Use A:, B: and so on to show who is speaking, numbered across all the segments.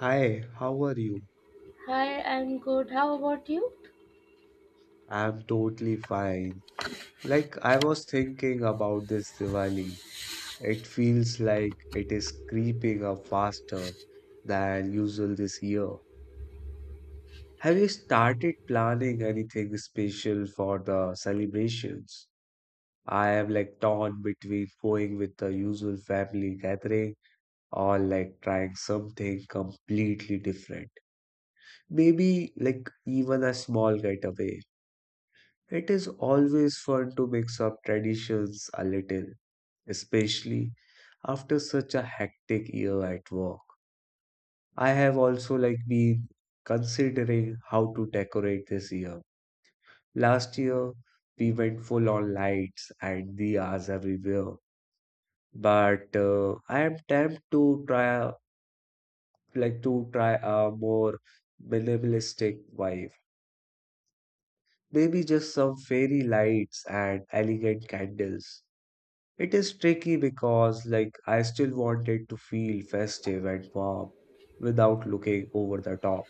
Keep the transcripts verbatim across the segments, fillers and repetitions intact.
A: Hi, how are you?
B: Hi, I'm good. How about you?
A: I'm totally fine. Like, I was thinking about this Diwali. It feels like it is creeping up faster than usual this year. Have you started planning anything special for the celebrations? I am like torn between going with the usual family gathering or like trying something completely different. Maybe like even a small getaway. It is always fun to mix up traditions a little, especially after such a hectic year at work. I have also like been considering how to decorate this year. Last year we went full on lights and diyas everywhere, but uh, I am tempted to try a- like to try a more minimalistic vibe. Maybe just some fairy lights and elegant candles. It is tricky because, like, I still wanted to feel festive and warm without looking over the top.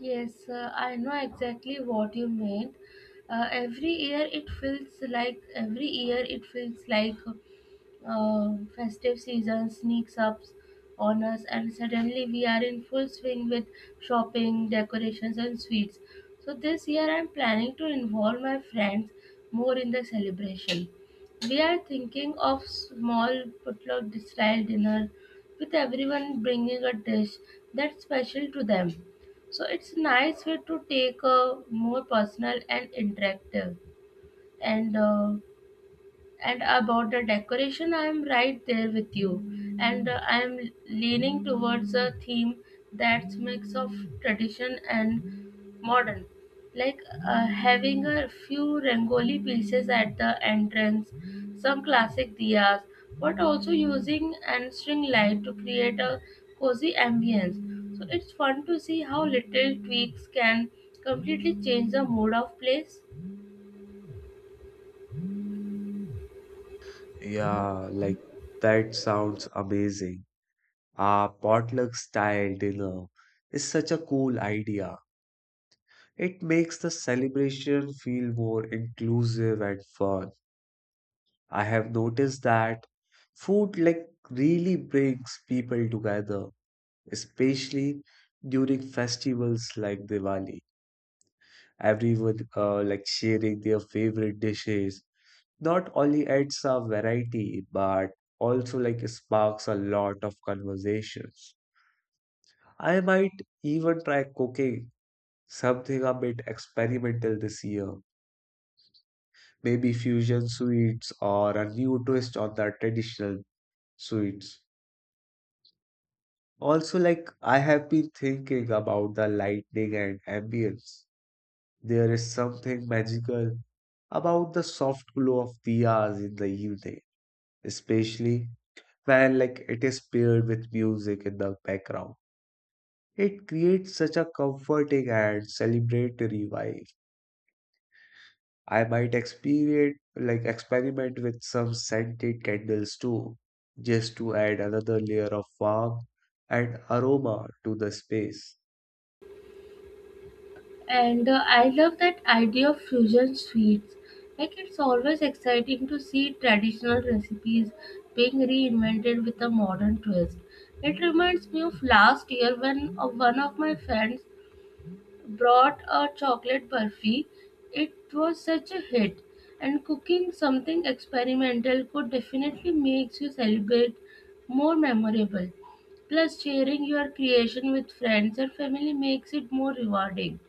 B: Yes, uh, I know exactly what you meant. Uh, every year it feels like every year it feels like uh, festive season sneaks up on us, and suddenly we are in full swing with shopping, decorations, and sweets. So, this year I'm planning to involve my friends more in the celebration. We are thinking of small potluck style dinner with everyone bringing a dish that's special to them. So, it's nice way to take a more personal and interactive and uh, and about the decoration, I am right there with you. And uh, I am leaning towards a theme that's mix of tradition and modern. Like uh, Having a few Rangoli pieces at the entrance, some classic diyas, but also using and string light to create a cozy ambience. So it's fun to see how little tweaks can completely change the mood of place.
A: Yeah, like, that sounds amazing. A potluck style dinner is such a cool idea. It makes the celebration feel more inclusive and fun. I have noticed that food, like, really brings people together, especially during festivals like Diwali. Everyone uh, like sharing their favorite dishes not only adds a variety but also like sparks a lot of conversations. I might even try cooking something a bit experimental this year, maybe fusion sweets or a new twist on the traditional sweets. Also, like I have been thinking about the lighting and ambience. There is something magical about the soft glow of diyas in the evening, especially when like it is paired with music in the background. It creates such a comforting and celebratory vibe. I might experience like experiment with some scented candles too, just to add another layer of warmth and aroma to the space.
B: And uh, I love that idea of fusion sweets. Like it's always exciting to see traditional recipes being reinvented with a modern twist. It reminds me of last year when uh, one of my friends brought a chocolate burfi. It was such a hit, and cooking something experimental could definitely make you celebrate more memorable. Plus, sharing your creation with friends and family makes it more rewarding.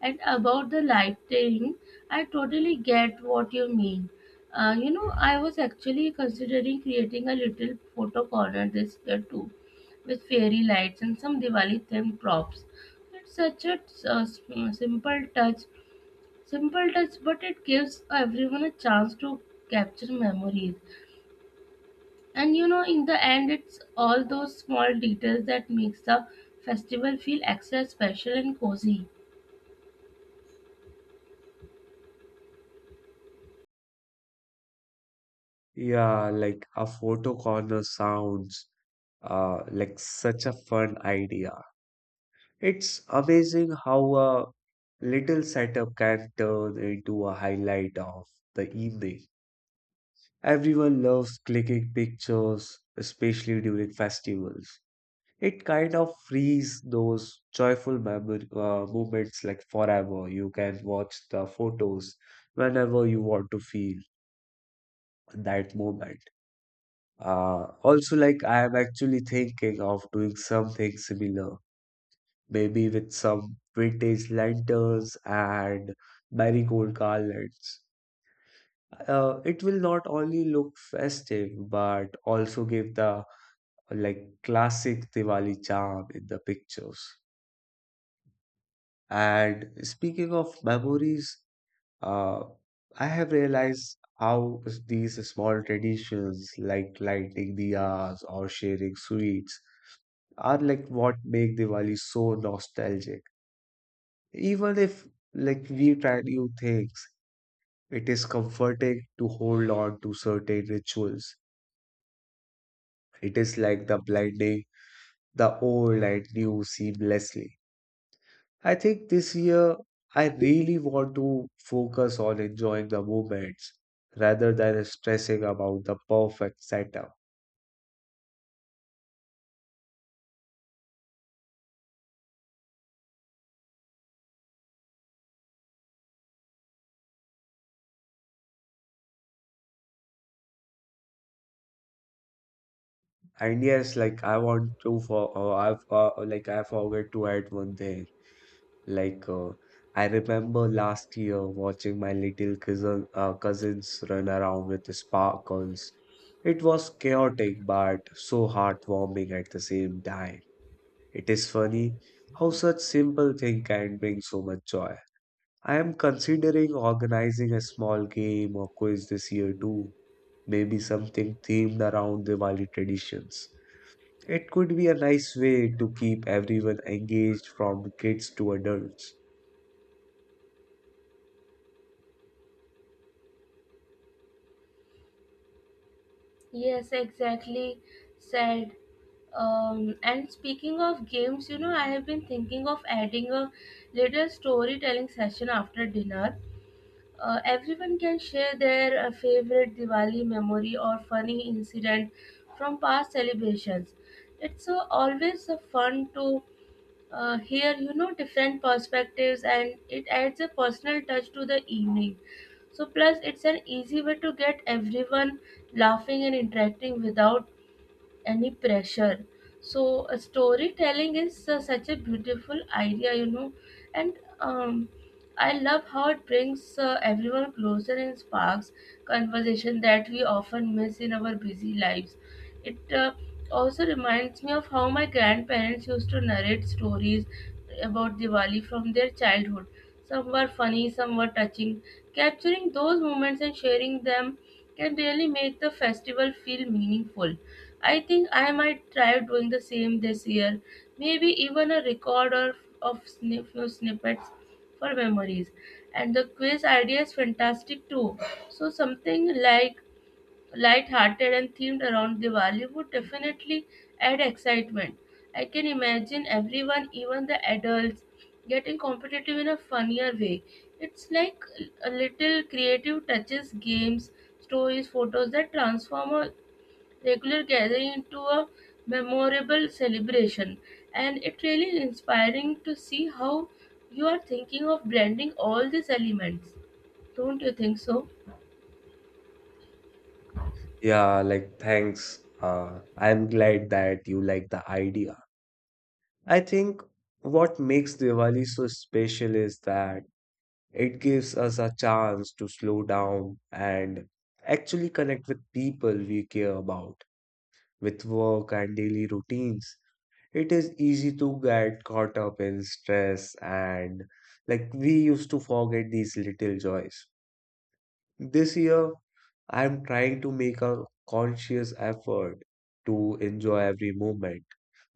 B: And about the lighting, I totally get what you mean. Uh, you know, I was actually considering creating a little photo corner this year too, with fairy lights and some Diwali themed props. It's such a uh, sim- simple touch, simple touch, but it gives everyone a chance to capture memories. And you know, in the end, it's all those small details that makes the festival feel extra special and cozy.
A: Yeah, like a photo corner sounds uh like such a fun idea. It's amazing how a little setup can turn into a highlight of the evening. Everyone loves clicking pictures, especially during festivals. It kind of frees those joyful memor- uh, moments like forever. You can watch the photos whenever you want to feel that moment. Uh, also, like I am actually thinking of doing something similar, maybe with some vintage lanterns and marigold garlands. Uh, it will not only look festive but also give the like classic Diwali charm in the pictures. And speaking of memories, uh, I have realized how s- these small traditions like lighting diyas or sharing sweets are like what make Diwali so nostalgic. Even if, like we try new things, it is comforting to hold on to certain rituals. It is like the blending the old and new seamlessly. I think this year I really want to focus on enjoying the moments rather than stressing about the perfect setup. And yes, like I want to for uh, I've uh, like I forgot to add one thing. Like, uh, I remember last year watching my little cousin, uh, cousins run around with sparkles. It was chaotic, but so heartwarming at the same time. It is funny how such simple thing can bring so much joy. I am considering organizing a small game or quiz this year too, maybe something themed around Diwali traditions. It could be a nice way to keep everyone engaged from kids to adults.
B: Yes, exactly said. Um, and speaking of games, you know, I have been thinking of adding a little storytelling session after dinner. Uh, everyone can share their uh, favorite Diwali memory or funny incident from past celebrations. It's uh, always uh, fun to uh, hear, you know, different perspectives and it adds a personal touch to the evening. So, plus, it's an easy way to get everyone laughing and interacting without any pressure. So uh, storytelling is uh, such a beautiful idea, you know. And um, I love how it brings uh, everyone closer and sparks conversation that we often miss in our busy lives. It uh, also reminds me of how my grandparents used to narrate stories about Diwali from their childhood. Some were funny, some were touching. Capturing those moments and sharing them can really make the festival feel meaningful. I think I might try doing the same this year. Maybe even a record of, of sni- few snippets for memories. And the quiz idea is fantastic too. So something like light-hearted and themed around Diwali would definitely add excitement. I can imagine everyone, even the adults, getting competitive in a funnier way. It's like a little creative touches, games, stories, photos that transform a regular gathering into a memorable celebration, and it really inspiring to see how you are thinking of blending all these elements. Don't you think so?
A: Yeah, like thanks. Uh, I'm glad that you like the idea. I think what makes Diwali so special is that it gives us a chance to slow down and actually connect with people we care about, with work and daily routines. It is easy to get caught up in stress and like we used to forget these little joys. This year, I'm trying to make a conscious effort to enjoy every moment,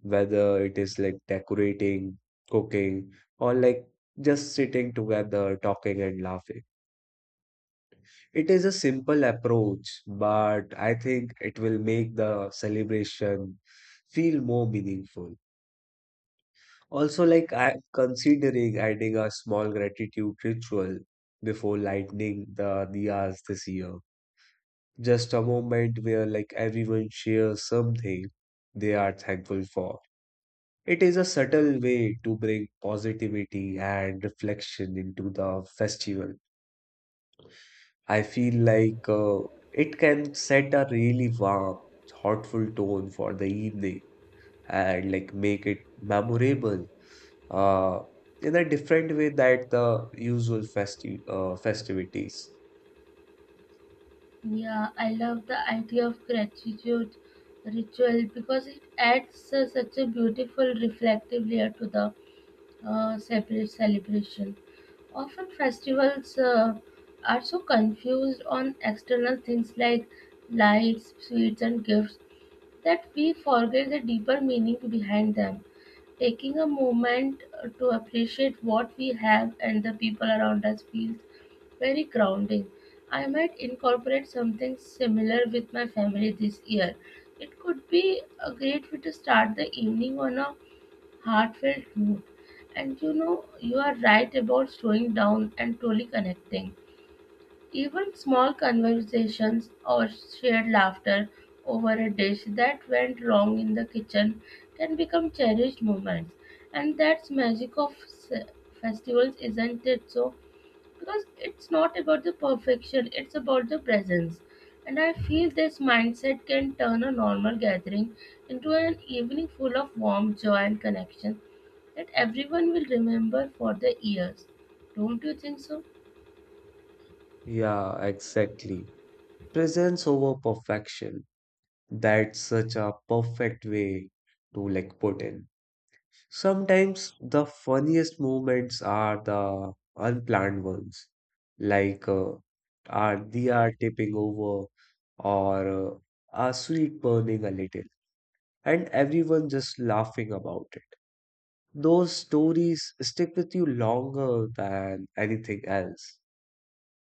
A: whether it is like decorating, cooking, or like just sitting together, talking and laughing. It is a simple approach, but I think it will make the celebration feel more meaningful. Also, like I'm considering adding a small gratitude ritual before lighting the diyas this year, just a moment where like everyone shares something they are thankful for. It is a subtle way to bring positivity and reflection into the festival. I feel like uh, it can set a really warm, thoughtful tone for the evening and like make it memorable uh, in a different way that the usual festi uh, festivities.
B: Yeah, I love the idea of gratitude ritual because it adds uh, such a beautiful reflective layer to the uh, separate celebration. Often festivals uh, are so confused on external things like lights, sweets, and gifts that we forget the deeper meaning behind them. Taking a moment uh, to appreciate what we have and the people around us feels very grounding. I might incorporate something similar with my family this year. It could be a great way to start the evening on a heartfelt note. And you know, you are right about slowing down and truly connecting. Even small conversations or shared laughter over a dish that went wrong in the kitchen can become cherished moments. And that's magic of s- festivals, isn't it? So, because it's not about the perfection, it's about the presence. And I feel this mindset can turn a normal gathering into an evening full of warmth, joy, and connection that everyone will remember for the years. Don't you think so?
A: Yeah, exactly. Presence over perfection. That's such a perfect way to like put in. Sometimes the funniest moments are the unplanned ones, like uh, our diya tipping over or uh, a sweet burning a little, and everyone just laughing about it. Those stories stick with you longer than anything else.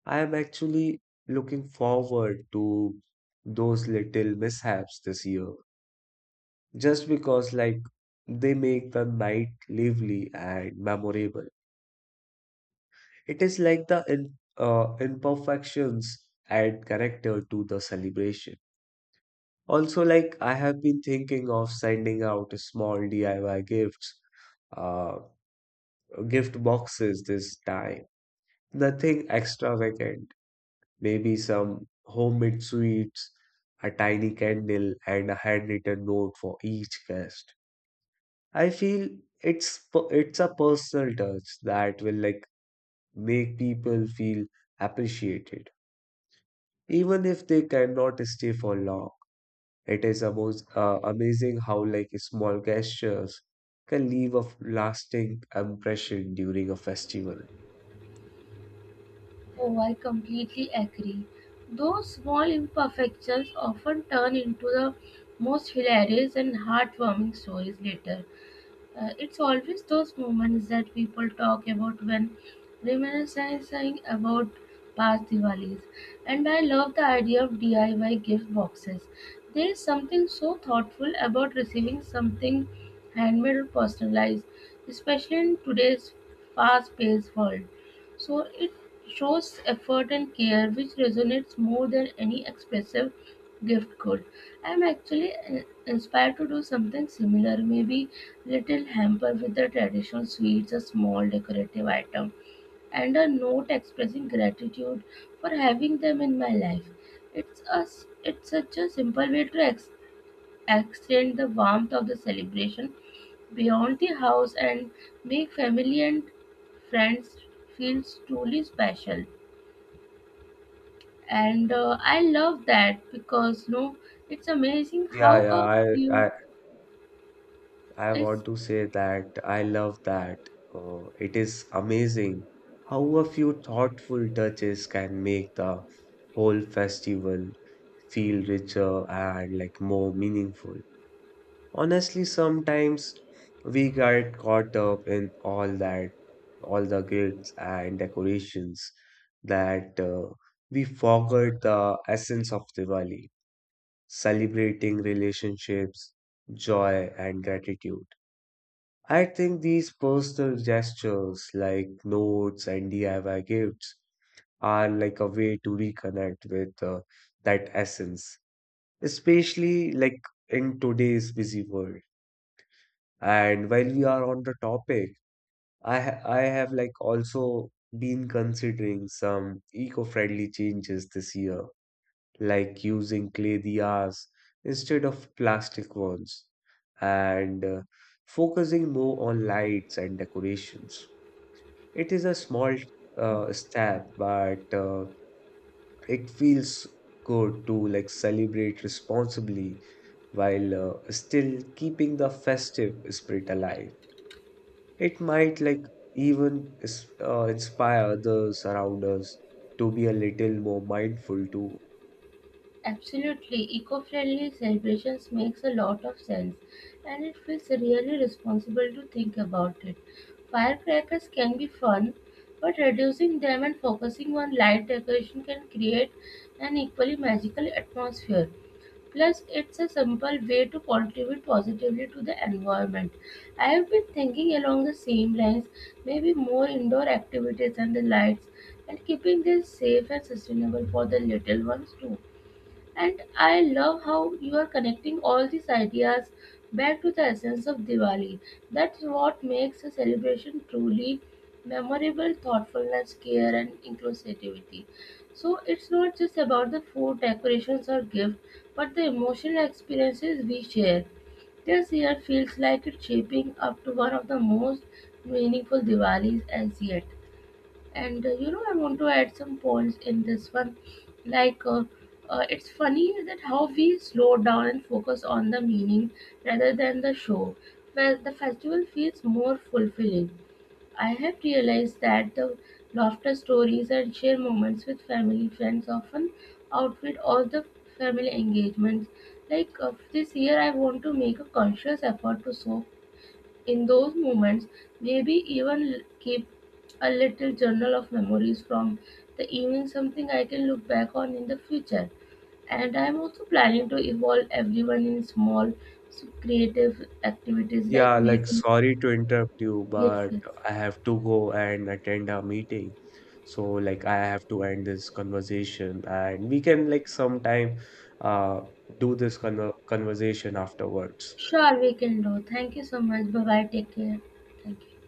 A: I am actually looking forward to those little mishaps this year, just because like they make the night lively and memorable. It is like the in, uh, imperfections add character to the celebration. Also, like I have been thinking of sending out small D I Y gifts, uh, gift boxes this time. Nothing extravagant, maybe some homemade sweets, a tiny candle, and a handwritten note for each guest. I feel it's per- it's a personal touch that will like make people feel appreciated, even if they cannot stay for long. It is almost uh, amazing how like small gestures can leave a f- lasting impression during a festival.
B: Oh, I completely agree. Those small imperfections often turn into the most hilarious and heartwarming stories later. Uh, it's always those moments that people talk about when reminiscing about past Diwalis. And I love the idea of D I Y gift boxes. There is something so thoughtful about receiving something handmade or personalized, especially in today's fast paced world. So it shows effort and care, which resonates more than any expressive gift good. I'm actually uh, inspired to do something similar, maybe little hamper with the traditional sweets, a small decorative item, and a note expressing gratitude for having them in my life. It's a, it's such a simple way to ex- extend the warmth of the celebration beyond the house and make family and friends feel truly special. And uh, I love that because no, it's amazing
A: Yeah,
B: how
A: yeah,
B: a
A: I
B: few
A: I I
B: it's
A: want to say that I love that. Uh, it is amazing how a few thoughtful touches can make the whole festival feel richer and like more meaningful. Honestly, sometimes we get caught up in all that, all the grills and decorations that uh, we forget the essence of Diwali, celebrating relationships, joy, and gratitude. I think these personal gestures like notes and D I Y gifts are like a way to reconnect with uh, that essence, especially like in today's busy world. And while we are on the topic, I ha I have like also been considering some eco-friendly changes this year, like using clay diyas instead of plastic ones, and uh, focusing more on lights and decorations. It is a small uh, step, but uh, it feels good to like celebrate responsibly while uh, still keeping the festive spirit alive. It might like even is- uh, inspire others around us to be a little more mindful too.
B: absolutely eco-friendly celebrations makes a lot of sense, and it feels really responsible to think about it. Firecrackers can be fun, but reducing them and focusing on light decoration can create an equally magical atmosphere. Plus, it's a simple way to contribute positively to the environment. I have been thinking along the same lines, maybe more indoor activities and the lights, and keeping this safe and sustainable for the little ones too. And I love how you are connecting all these ideas back to the essence of Diwali. That's what makes a celebration truly memorable thoughtfulness, care, and inclusivity. So it's not just about the food, decorations, or gift, but the emotional experiences we share. This year feels like it's shaping up to one of the most meaningful Diwalis as yet. And uh, you know, I want to add some points in this one. like uh, uh, it's funny that how we slow down and focus on the meaning rather than the show. Well, the festival feels more fulfilling. I have realized that the laughter, stories, and share moments with family, friends often outwit all the family engagements. Like uh, this year I want to make a conscious effort to so in those moments, maybe even keep a little journal of memories from the evening, something I can look back on in the future. And I'm also planning to involve everyone in small s- creative activities like
A: Yeah, like
B: making.
A: sorry to interrupt you,
B: Yes,
A: but
B: yes.
A: I have to go and attend a meeting. So like I have to end this conversation and we can like sometime uh do this conver conversation afterwards.
B: Sure, we can do. Thank you so much. Bye bye. Take care. Thank you.